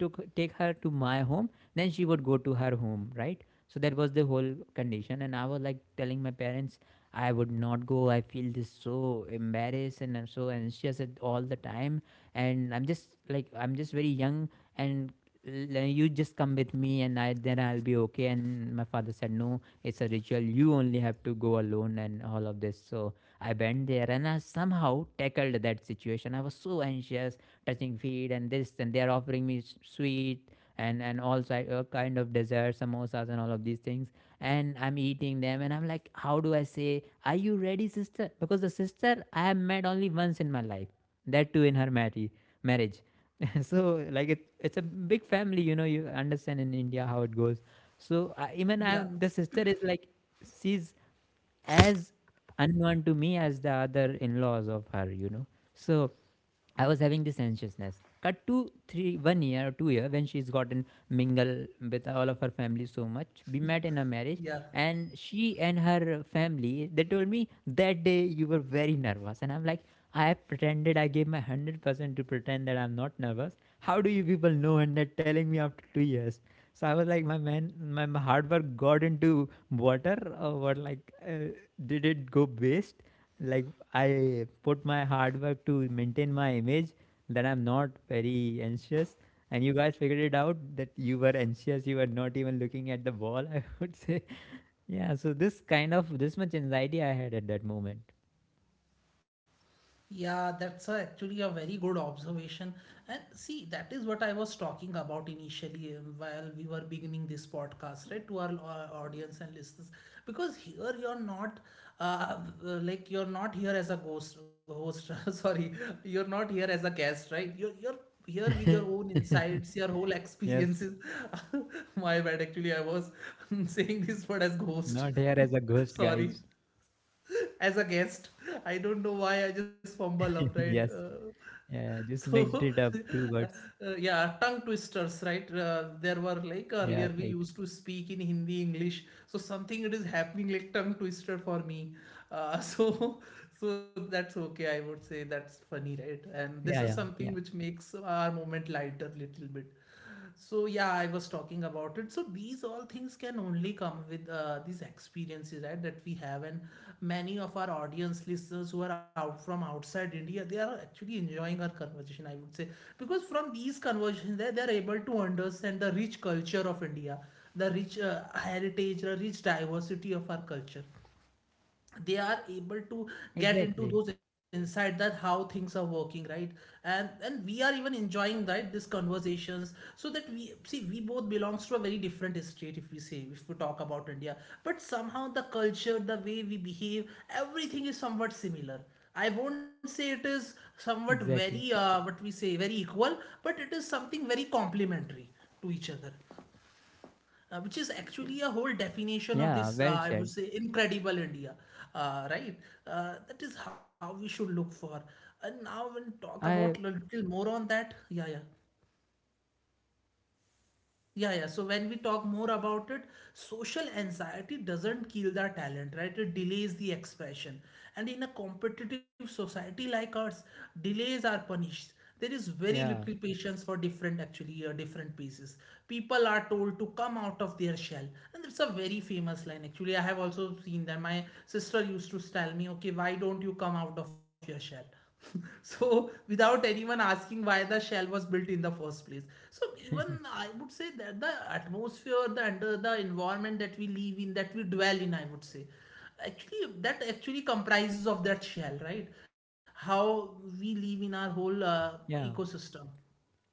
[SPEAKER 2] took take her to my home, then she would go to her home, right? So that was the whole condition, and I was like telling my parents I would not go. I feel this so embarrassed and I'm so anxious at all the time, and I'm just like I'm just very young, and you just come with me and I then I'll be okay. And my father said no, it's a ritual, you only have to go alone and all of this. So I went there and I somehow tackled that situation. I was so anxious, touching feet and this, and they're offering me sweet and also kind of dessert, samosas, and all of these things. And I'm eating them and I'm like, how do I say, are you ready, sister? Because the sister I have met only once in my life, that too in her marriage. <laughs> So like it, it's a big family, you know, you understand in India how it goes. So I even I
[SPEAKER 1] yeah,
[SPEAKER 2] the sister is like she's as unknown to me as the other in-laws of her, you know. So I was having this anxiousness. Cut to three, 1 year or 2 year when she's gotten mingle with all of her family so much. We met in a marriage,
[SPEAKER 1] yeah.
[SPEAKER 2] and she and her family they told me that day you were very nervous. And I'm like, I pretended, I gave my 100% to pretend that I'm not nervous. How do you people know, and they're telling me after 2 years? So I was like, my man, my hard work got into water, or what? Like, did it go waste? Like, I put my hard work to maintain my image that I'm not very anxious. And you guys figured it out that you were anxious, you were not even looking at the ball, <laughs> I would say. Yeah, so this kind of this much anxiety I had at that moment.
[SPEAKER 1] Yeah, that's a, actually a very good observation. And see, that is what I was talking about initially, while we were beginning this podcast, right, to our audience and listeners. Because here you're not, uh, like you're not here as a ghost host. <laughs> Sorry, you're not here as a guest, right? You're here with your own
[SPEAKER 2] <laughs>
[SPEAKER 1] insights, your whole
[SPEAKER 2] Yes,
[SPEAKER 1] experiences. <laughs> My bad. Actually, I was <laughs> saying this word as ghost.
[SPEAKER 2] not here
[SPEAKER 1] <laughs>
[SPEAKER 2] as a ghost,
[SPEAKER 1] Sorry.
[SPEAKER 2] guys.
[SPEAKER 1] <laughs> As a guest. I don't know why I just fumble up,
[SPEAKER 2] <laughs>
[SPEAKER 1] right?
[SPEAKER 2] Yes, yeah, just
[SPEAKER 1] So,
[SPEAKER 2] mixed it up
[SPEAKER 1] <laughs>
[SPEAKER 2] two
[SPEAKER 1] uh,
[SPEAKER 2] words.
[SPEAKER 1] yeah, tongue twisters, right? There were, like, earlier
[SPEAKER 2] Yeah,
[SPEAKER 1] we
[SPEAKER 2] right.
[SPEAKER 1] used to speak in Hindi, English, so something it is happening like tongue twister for me. <laughs> So, so that's okay. I would say that's funny, right? And this is
[SPEAKER 2] Yeah, yeah,
[SPEAKER 1] something
[SPEAKER 2] yeah.
[SPEAKER 1] which makes our moment lighter little bit. So yeah, I was talking about it. So these all things can only come with these experiences, right, that we have. And many of our audience listeners who are out from outside India, they are actually enjoying our conversation, I would say, because from these conversations, they are able to understand the rich culture of India, the rich heritage, the rich diversity of our culture. They are able to get into
[SPEAKER 2] Exactly,
[SPEAKER 1] those insight that how things are working, right? And we are even enjoying, right, these conversations. So that we see, we both belongs to a very different state, if we say, if we talk about India, but somehow the culture, the way we behave, everything is somewhat similar. I won't say it is somewhat very
[SPEAKER 2] exactly.
[SPEAKER 1] what we say, very equal, but it is something very complementary to each other, which is actually a whole definition of
[SPEAKER 2] Yeah,
[SPEAKER 1] this,
[SPEAKER 2] well
[SPEAKER 1] I would
[SPEAKER 2] said.
[SPEAKER 1] say, incredible India, right? That is how we should look for. And now we'll talk about a
[SPEAKER 2] I,
[SPEAKER 1] little more on that. Yeah, yeah. Yeah, yeah. So when we talk more about it, social anxiety doesn't kill the talent, right? It delays the expression. And in a competitive society like ours, delays are punished. There is very little
[SPEAKER 2] yeah,
[SPEAKER 1] patience for different, actually, different pieces. People are told to come out of their shell. And it's a very famous line, actually. I have also seen that. My sister used to tell me, okay, why don't you come out of your shell? <laughs> So without anyone asking why the shell was built in the first place. So even I
[SPEAKER 2] <laughs>
[SPEAKER 1] would say that the atmosphere, the under the environment that we live in, that we dwell in, I would say, actually that actually comprises of that shell, right? How we live in our whole
[SPEAKER 2] yeah,
[SPEAKER 1] ecosystem,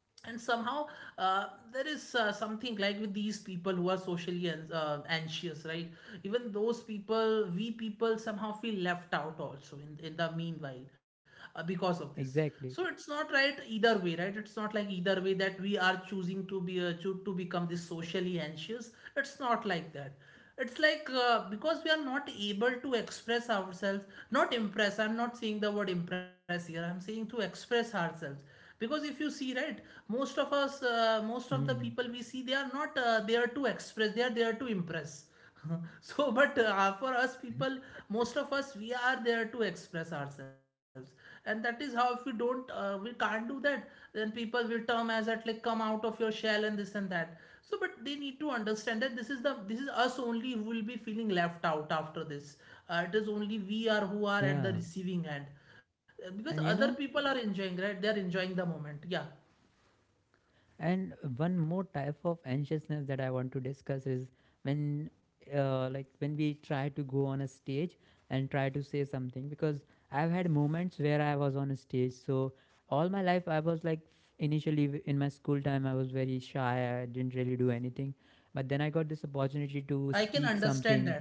[SPEAKER 1] and somehow uh, there is something like with these people who are anxious, right, even those people, we people somehow feel left out also in the meanwhile, because of this. So it's
[SPEAKER 2] exactly.
[SPEAKER 1] not right either way, right? It's not like either way that we are choosing to be to become this socially anxious. It's not like that. It's like, because we are not able to express ourselves, not impress, I'm not saying the word impress here, I'm saying to express ourselves. Because if you see, right, most of us, most of the people
[SPEAKER 2] Mm.
[SPEAKER 1] we see, they are not there to express, they are there to impress. <laughs> So but, for us
[SPEAKER 2] <laughs>
[SPEAKER 1] people, most of us we are there to express ourselves, and that is how if we don't, we can't do that, then people will term as at, like, come out of your shell and this and that. So but they need to understand that this is us only who will be feeling left out after this. It is only we are who are at the
[SPEAKER 2] Yeah.
[SPEAKER 1] receiving end, because
[SPEAKER 2] And
[SPEAKER 1] other
[SPEAKER 2] you know,
[SPEAKER 1] people are enjoying, right, they're enjoying the moment. Yeah.
[SPEAKER 2] and one more type of anxiousness that I want to discuss is when, like, when we try to go on a stage and try to say something, because I've had moments where I was on a stage. So all my life, I was like, initially in my school time, I was very shy. I didn't really do anything. But then I got this opportunity
[SPEAKER 1] I can
[SPEAKER 2] to speak
[SPEAKER 1] understand that.
[SPEAKER 2] something,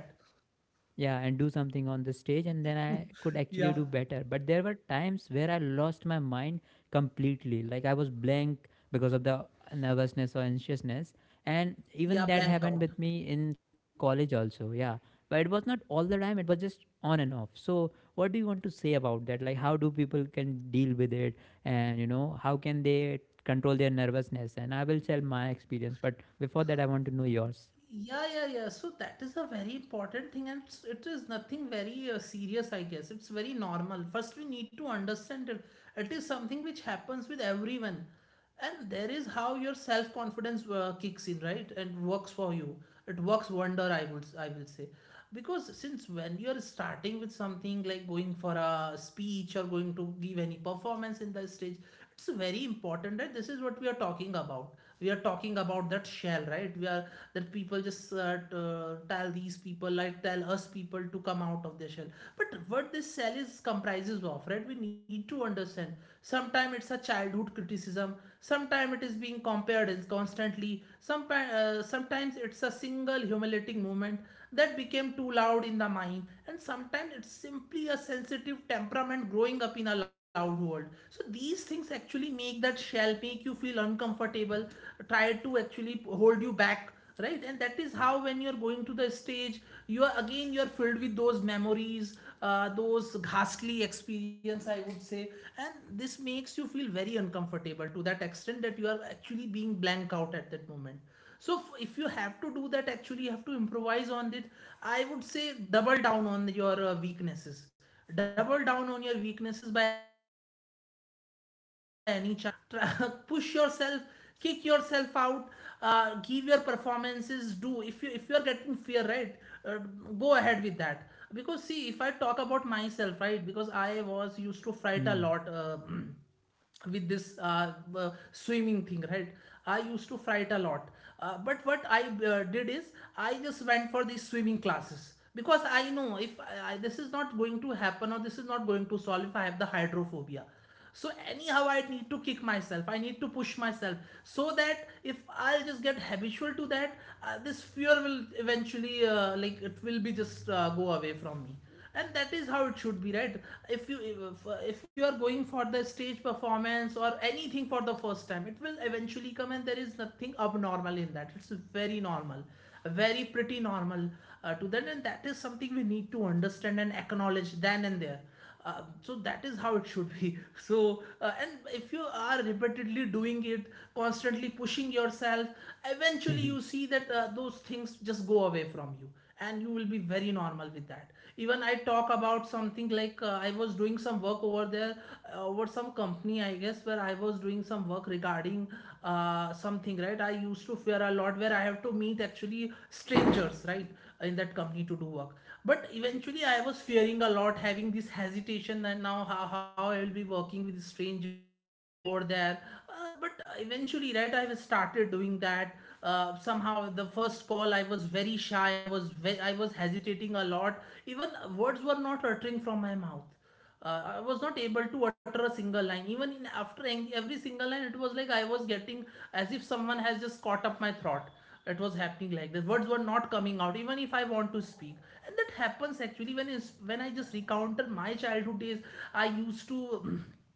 [SPEAKER 2] yeah, and do something on the stage. And then I could
[SPEAKER 1] Yeah.
[SPEAKER 2] actually do better, but there were times where I lost my mind completely, like I was blank because of the nervousness or anxiousness. And
[SPEAKER 1] Yeah,
[SPEAKER 2] even that
[SPEAKER 1] blank
[SPEAKER 2] happened
[SPEAKER 1] out.
[SPEAKER 2] with me in college also, yeah. But it was not all the time, it was just on and off. So what do you want to say about that, like how do people can deal with it, and how can they control their nervousness? And I will share my experience, but before that I want to know yours.
[SPEAKER 1] Yeah, yeah, yeah. So that is a very important thing, and it is nothing very serious, I guess. It's very normal. First, we need to understand it. It is something which happens with everyone, and there is how your self confidence kicks in, right, and works for you. It works wonder, I will say, because since when you are starting with something like going for a speech or going to give any performance in the stage, it's very important that, right, this is what we are talking about. We are talking about that shell, right? We are that people just tell these people, like, tell us people to come out of their shell, but what this shell is comprises of, right, we need to understand. Sometimes it's a childhood criticism. Sometimes it is being compared is constantly. Some, sometimes it's a single humiliating moment that became too loud in the mind, and sometimes it's simply a sensitive temperament growing up in a loud world. So these things actually make that shell make you feel uncomfortable, try to actually hold you back, right? And that is how when you're going to the stage you are again, you're filled with those memories, those ghastly experience I would say. And this makes you feel very uncomfortable to that extent that you are actually being blank out at that moment. So if you have to do that, actually you have to improvise on it. I would say double down on your weaknesses. Double down on your weaknesses by any chance. <laughs> Push yourself, kick yourself out. Give your performances, do if you are getting fear, right? uh, Go ahead with that. Because see, if I talk about myself, right, because I was used to fright a lot.
[SPEAKER 2] Hmm.
[SPEAKER 1] <clears throat> With this uh, swimming thing, right, I used to fight a lot. But what I did is I just went for these swimming classes because I know if this is not going to happen or this is not going to solve if I have the hydrophobia. So anyhow I need to kick myself, I need to push myself, so that if I just get habitual to that, this fear will eventually, like, it will be just go away from me. And that is how it should be, right? If you if you are going for the stage performance or anything for the first time, it will eventually come, and there is nothing abnormal in that. It's very normal, very pretty normal to that, and that is something we need to understand and acknowledge then and there. So that is how it should be. <laughs> So and if you are repeatedly doing it, constantly pushing yourself, eventually you see
[SPEAKER 2] <laughs>
[SPEAKER 1] that those things just go away from you, and you will be very normal with that. Even I talk about something, like, I was doing some work over there, over some company, I guess, where I was doing some work regarding something, right. I used to fear a lot where I have to meet actually strangers, right, in that company to do work. But eventually I was fearing a lot, having this hesitation, and now how I will be working with strangers over there. But eventually, right, I have started doing that. Somehow the first call I was very shy, I was I was hesitating a lot. Even words were not uttering from my mouth. I was not able to utter a single line, even in after every single line it was like I was getting, as if someone has just caught up my throat. It was happening like this, words were not coming out even if I want to speak. And that happens actually when is when I just recounted my childhood days. I used to <clears throat>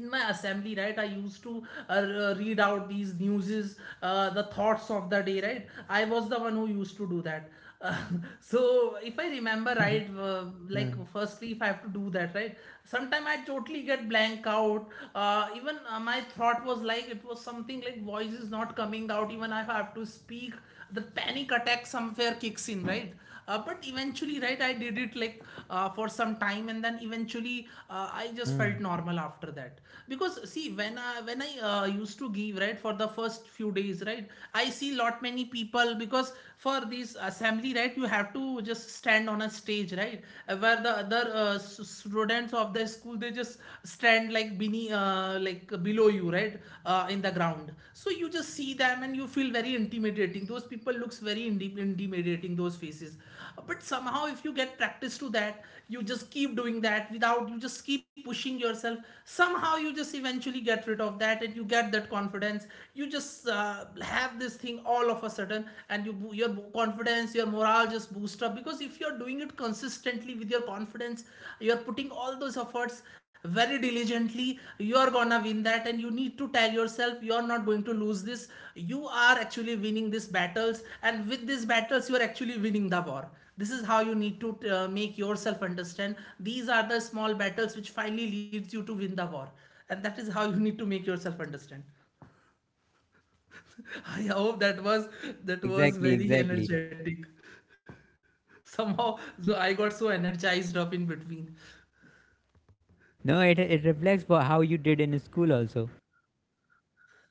[SPEAKER 1] in my assembly, right, I used to uh, read out these newses, the thoughts of the day, right. I was the one who used to do that. Uh, <laughs> so if I remember
[SPEAKER 2] Huh,
[SPEAKER 1] right, like, firstly, if I have to do that, right, sometime I totally get blank out. Even my thought was like, it was something like voice is not coming out even I have to speak. The panic attack somewhere kicks in, right? But eventually, right, I did it like for some time, and then eventually I just
[SPEAKER 2] huh.
[SPEAKER 1] felt normal after that. Because see, when I when I used to give, right, for the first few days, right, I see lot many people, because for this assembly, right, you have to just stand on a stage, right. Where the other students of the school, they just stand like beneath, like, below you, right, in the ground. So you just see them and you feel very intimidating. Those people looks very intimidating, those faces. But somehow if you get practice to that, you just keep doing that, without, you just keep pushing yourself, somehow you just eventually get rid of that, and you get that confidence. You just have this thing all of a sudden, and you your confidence, your morale just boost up. Because if you're doing it consistently with your confidence, you're putting all those efforts very diligently, you're gonna win that. And you need to tell yourself you're not going to lose this. You are actually winning these battles, and with these battles you're actually winning the war. This is how you need to make yourself understand. These are the small battles which finally leads you to win the war, and that is how you need to make yourself understand. <laughs> I hope that was, that was
[SPEAKER 2] Exactly,
[SPEAKER 1] very
[SPEAKER 2] exactly.
[SPEAKER 1] energetic somehow. So I got so energized up in between.
[SPEAKER 2] No, it reflects for how you did in school also.
[SPEAKER 1] Yeah.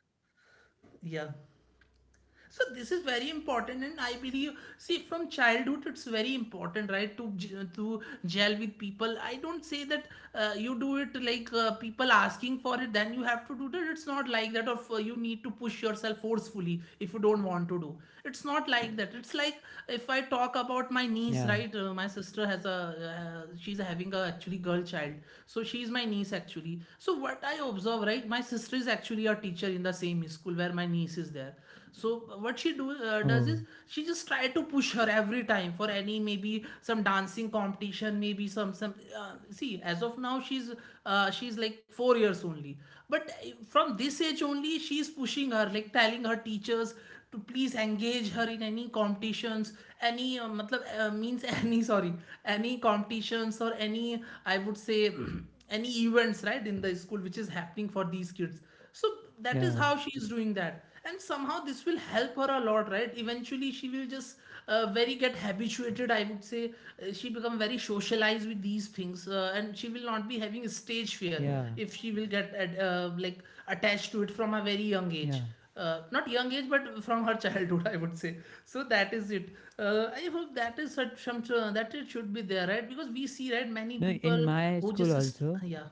[SPEAKER 1] So this is very important, and I believe, see, from childhood it's very important, right, to to gel with people. I don't say that you do it like people asking for it, then you have to do that. It's not like that. Of you need to push yourself forcefully if you don't want to do. It's not like that. It's like, if I talk about my niece, right?
[SPEAKER 2] Yeah.
[SPEAKER 1] My sister has a, she's having a actually girl child, so she's my niece actually. So what I observe, right? My sister is actually a teacher in the same school where my niece is there. So what she do does
[SPEAKER 2] Oh,
[SPEAKER 1] is she just try to push her every time for any, maybe some dancing competition, maybe some see, as of now she's like 4 years only. But from this age only, she's pushing her, like telling her teachers to please engage her in any competitions, any matlab, means, <laughs> any, sorry, any competitions or any, I would say, <clears throat> any events, right, in the school which is happening for these kids. So that is
[SPEAKER 2] yeah,
[SPEAKER 1] how she is doing that. And somehow this will help her a lot, right? Eventually she will just very get habituated, I would say. She become very socialized with these things, and she will not be having stage fear
[SPEAKER 2] yeah,
[SPEAKER 1] if she will like attached
[SPEAKER 2] yeah.
[SPEAKER 1] to it from a very young age. Not young age, but from her <laughs> childhood, I would say. So that is it. I hope that is such some that it should be there, right? Because we see, right, many
[SPEAKER 2] No, in
[SPEAKER 1] people
[SPEAKER 2] my
[SPEAKER 1] who
[SPEAKER 2] school
[SPEAKER 1] just,
[SPEAKER 2] also,
[SPEAKER 1] yeah,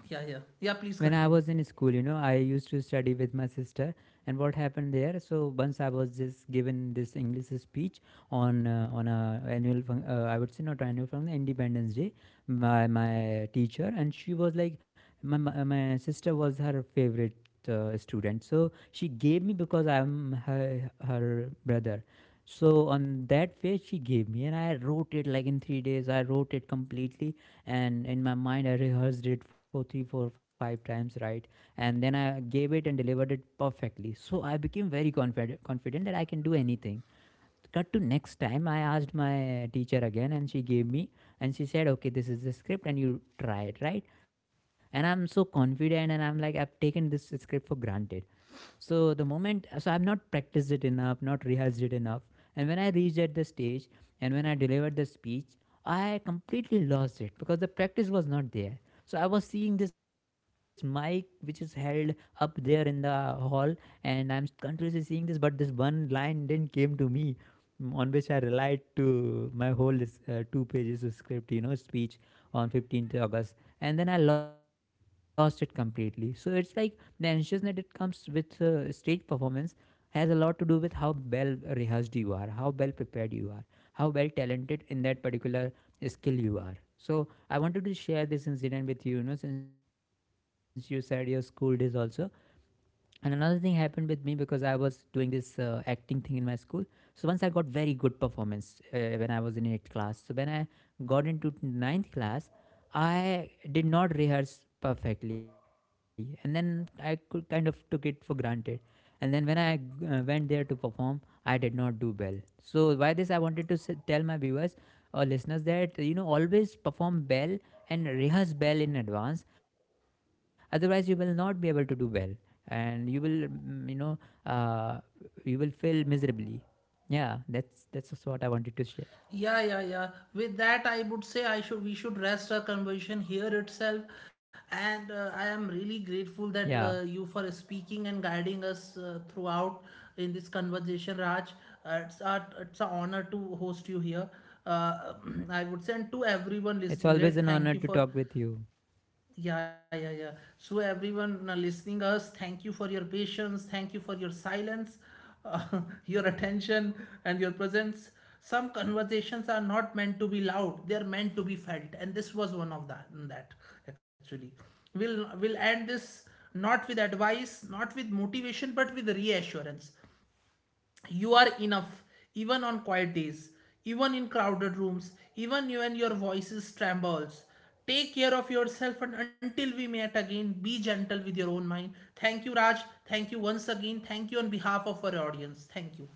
[SPEAKER 1] yeah, yeah, yeah. Please
[SPEAKER 2] when I
[SPEAKER 1] continue.
[SPEAKER 2] was in school, I used to study with my sister. And what happened there? So once I was just given this English speech on on I would say not annual function, Independence Day, by my teacher, and she was like, my sister was her favorite, student, so she gave me because I'm her brother. So on that page she gave me, and I wrote it like in 3 days, I wrote it completely. And in my mind I rehearsed it for three four five times, right? And then I gave it and delivered it perfectly, so I became very confident that I can do anything. Cut to next time, I asked my teacher again and she gave me, and she said, okay, this is the script and you try it, right? And I'm so confident, and I'm like, I've taken this script for granted. So I've not practiced it enough, not rehearsed it enough. And when I reached at the stage and when I delivered the speech, I completely lost it because the practice was not there. So I was seeing this mic which is held up there in the hall, and I'm continuously seeing this, but this one line didn't came to me, on which I relied to my whole two pages of script, speech on 15th August, and then I lost it completely. So it's like the anxiousness that comes with stage performance has a lot to do with how well rehearsed you are, how well prepared you are, how well talented in that particular skill you are. So I wanted to share this incident with you you know since you said your school days also. And another thing happened with me because I was doing this acting thing in my school. So once I got very good performance when I was in 8th class. So when I got into ninth class, I did not rehearse perfectly, and then I could kind of took it for granted. And then when I went there to perform, I did not do well. So by this I wanted to tell my viewers or listeners that always perform well and rehearse well in advance, otherwise you will not be able to do well, and you will mm, you know uh, you will fail miserably. Yeah, that's what I wanted to share.
[SPEAKER 1] Yeah, yeah, yeah. With that, I would say, I should we should rest our conversation here itself. And I am really grateful that
[SPEAKER 2] Yeah,
[SPEAKER 1] you, for speaking and guiding us throughout in this conversation, Raj. It's a it's an honor to host you here. Uh, <clears throat> I would say, and to everyone
[SPEAKER 2] it's
[SPEAKER 1] listening,
[SPEAKER 2] always
[SPEAKER 1] right?
[SPEAKER 2] an
[SPEAKER 1] Thank
[SPEAKER 2] honor
[SPEAKER 1] you
[SPEAKER 2] to
[SPEAKER 1] for,
[SPEAKER 2] talk with you.
[SPEAKER 1] yeah, yeah, yeah. So everyone listening us, thank you for your patience, thank you for your silence, uh, <laughs> your attention and your presence. Some conversations are not meant to be loud; they are meant to be felt, and this was one of that. That actually, we'll end
[SPEAKER 2] Yeah,
[SPEAKER 1] this
[SPEAKER 2] thank you.
[SPEAKER 1] not with advice, not with motivation, but with reassurance. You are enough, even on quiet days, even in crowded rooms, even when your voice trembles. Take care of yourself, and until we meet again, be gentle with your own mind. Thank you, Raj. Thank you once again. Thank you on behalf of our audience. Thank you.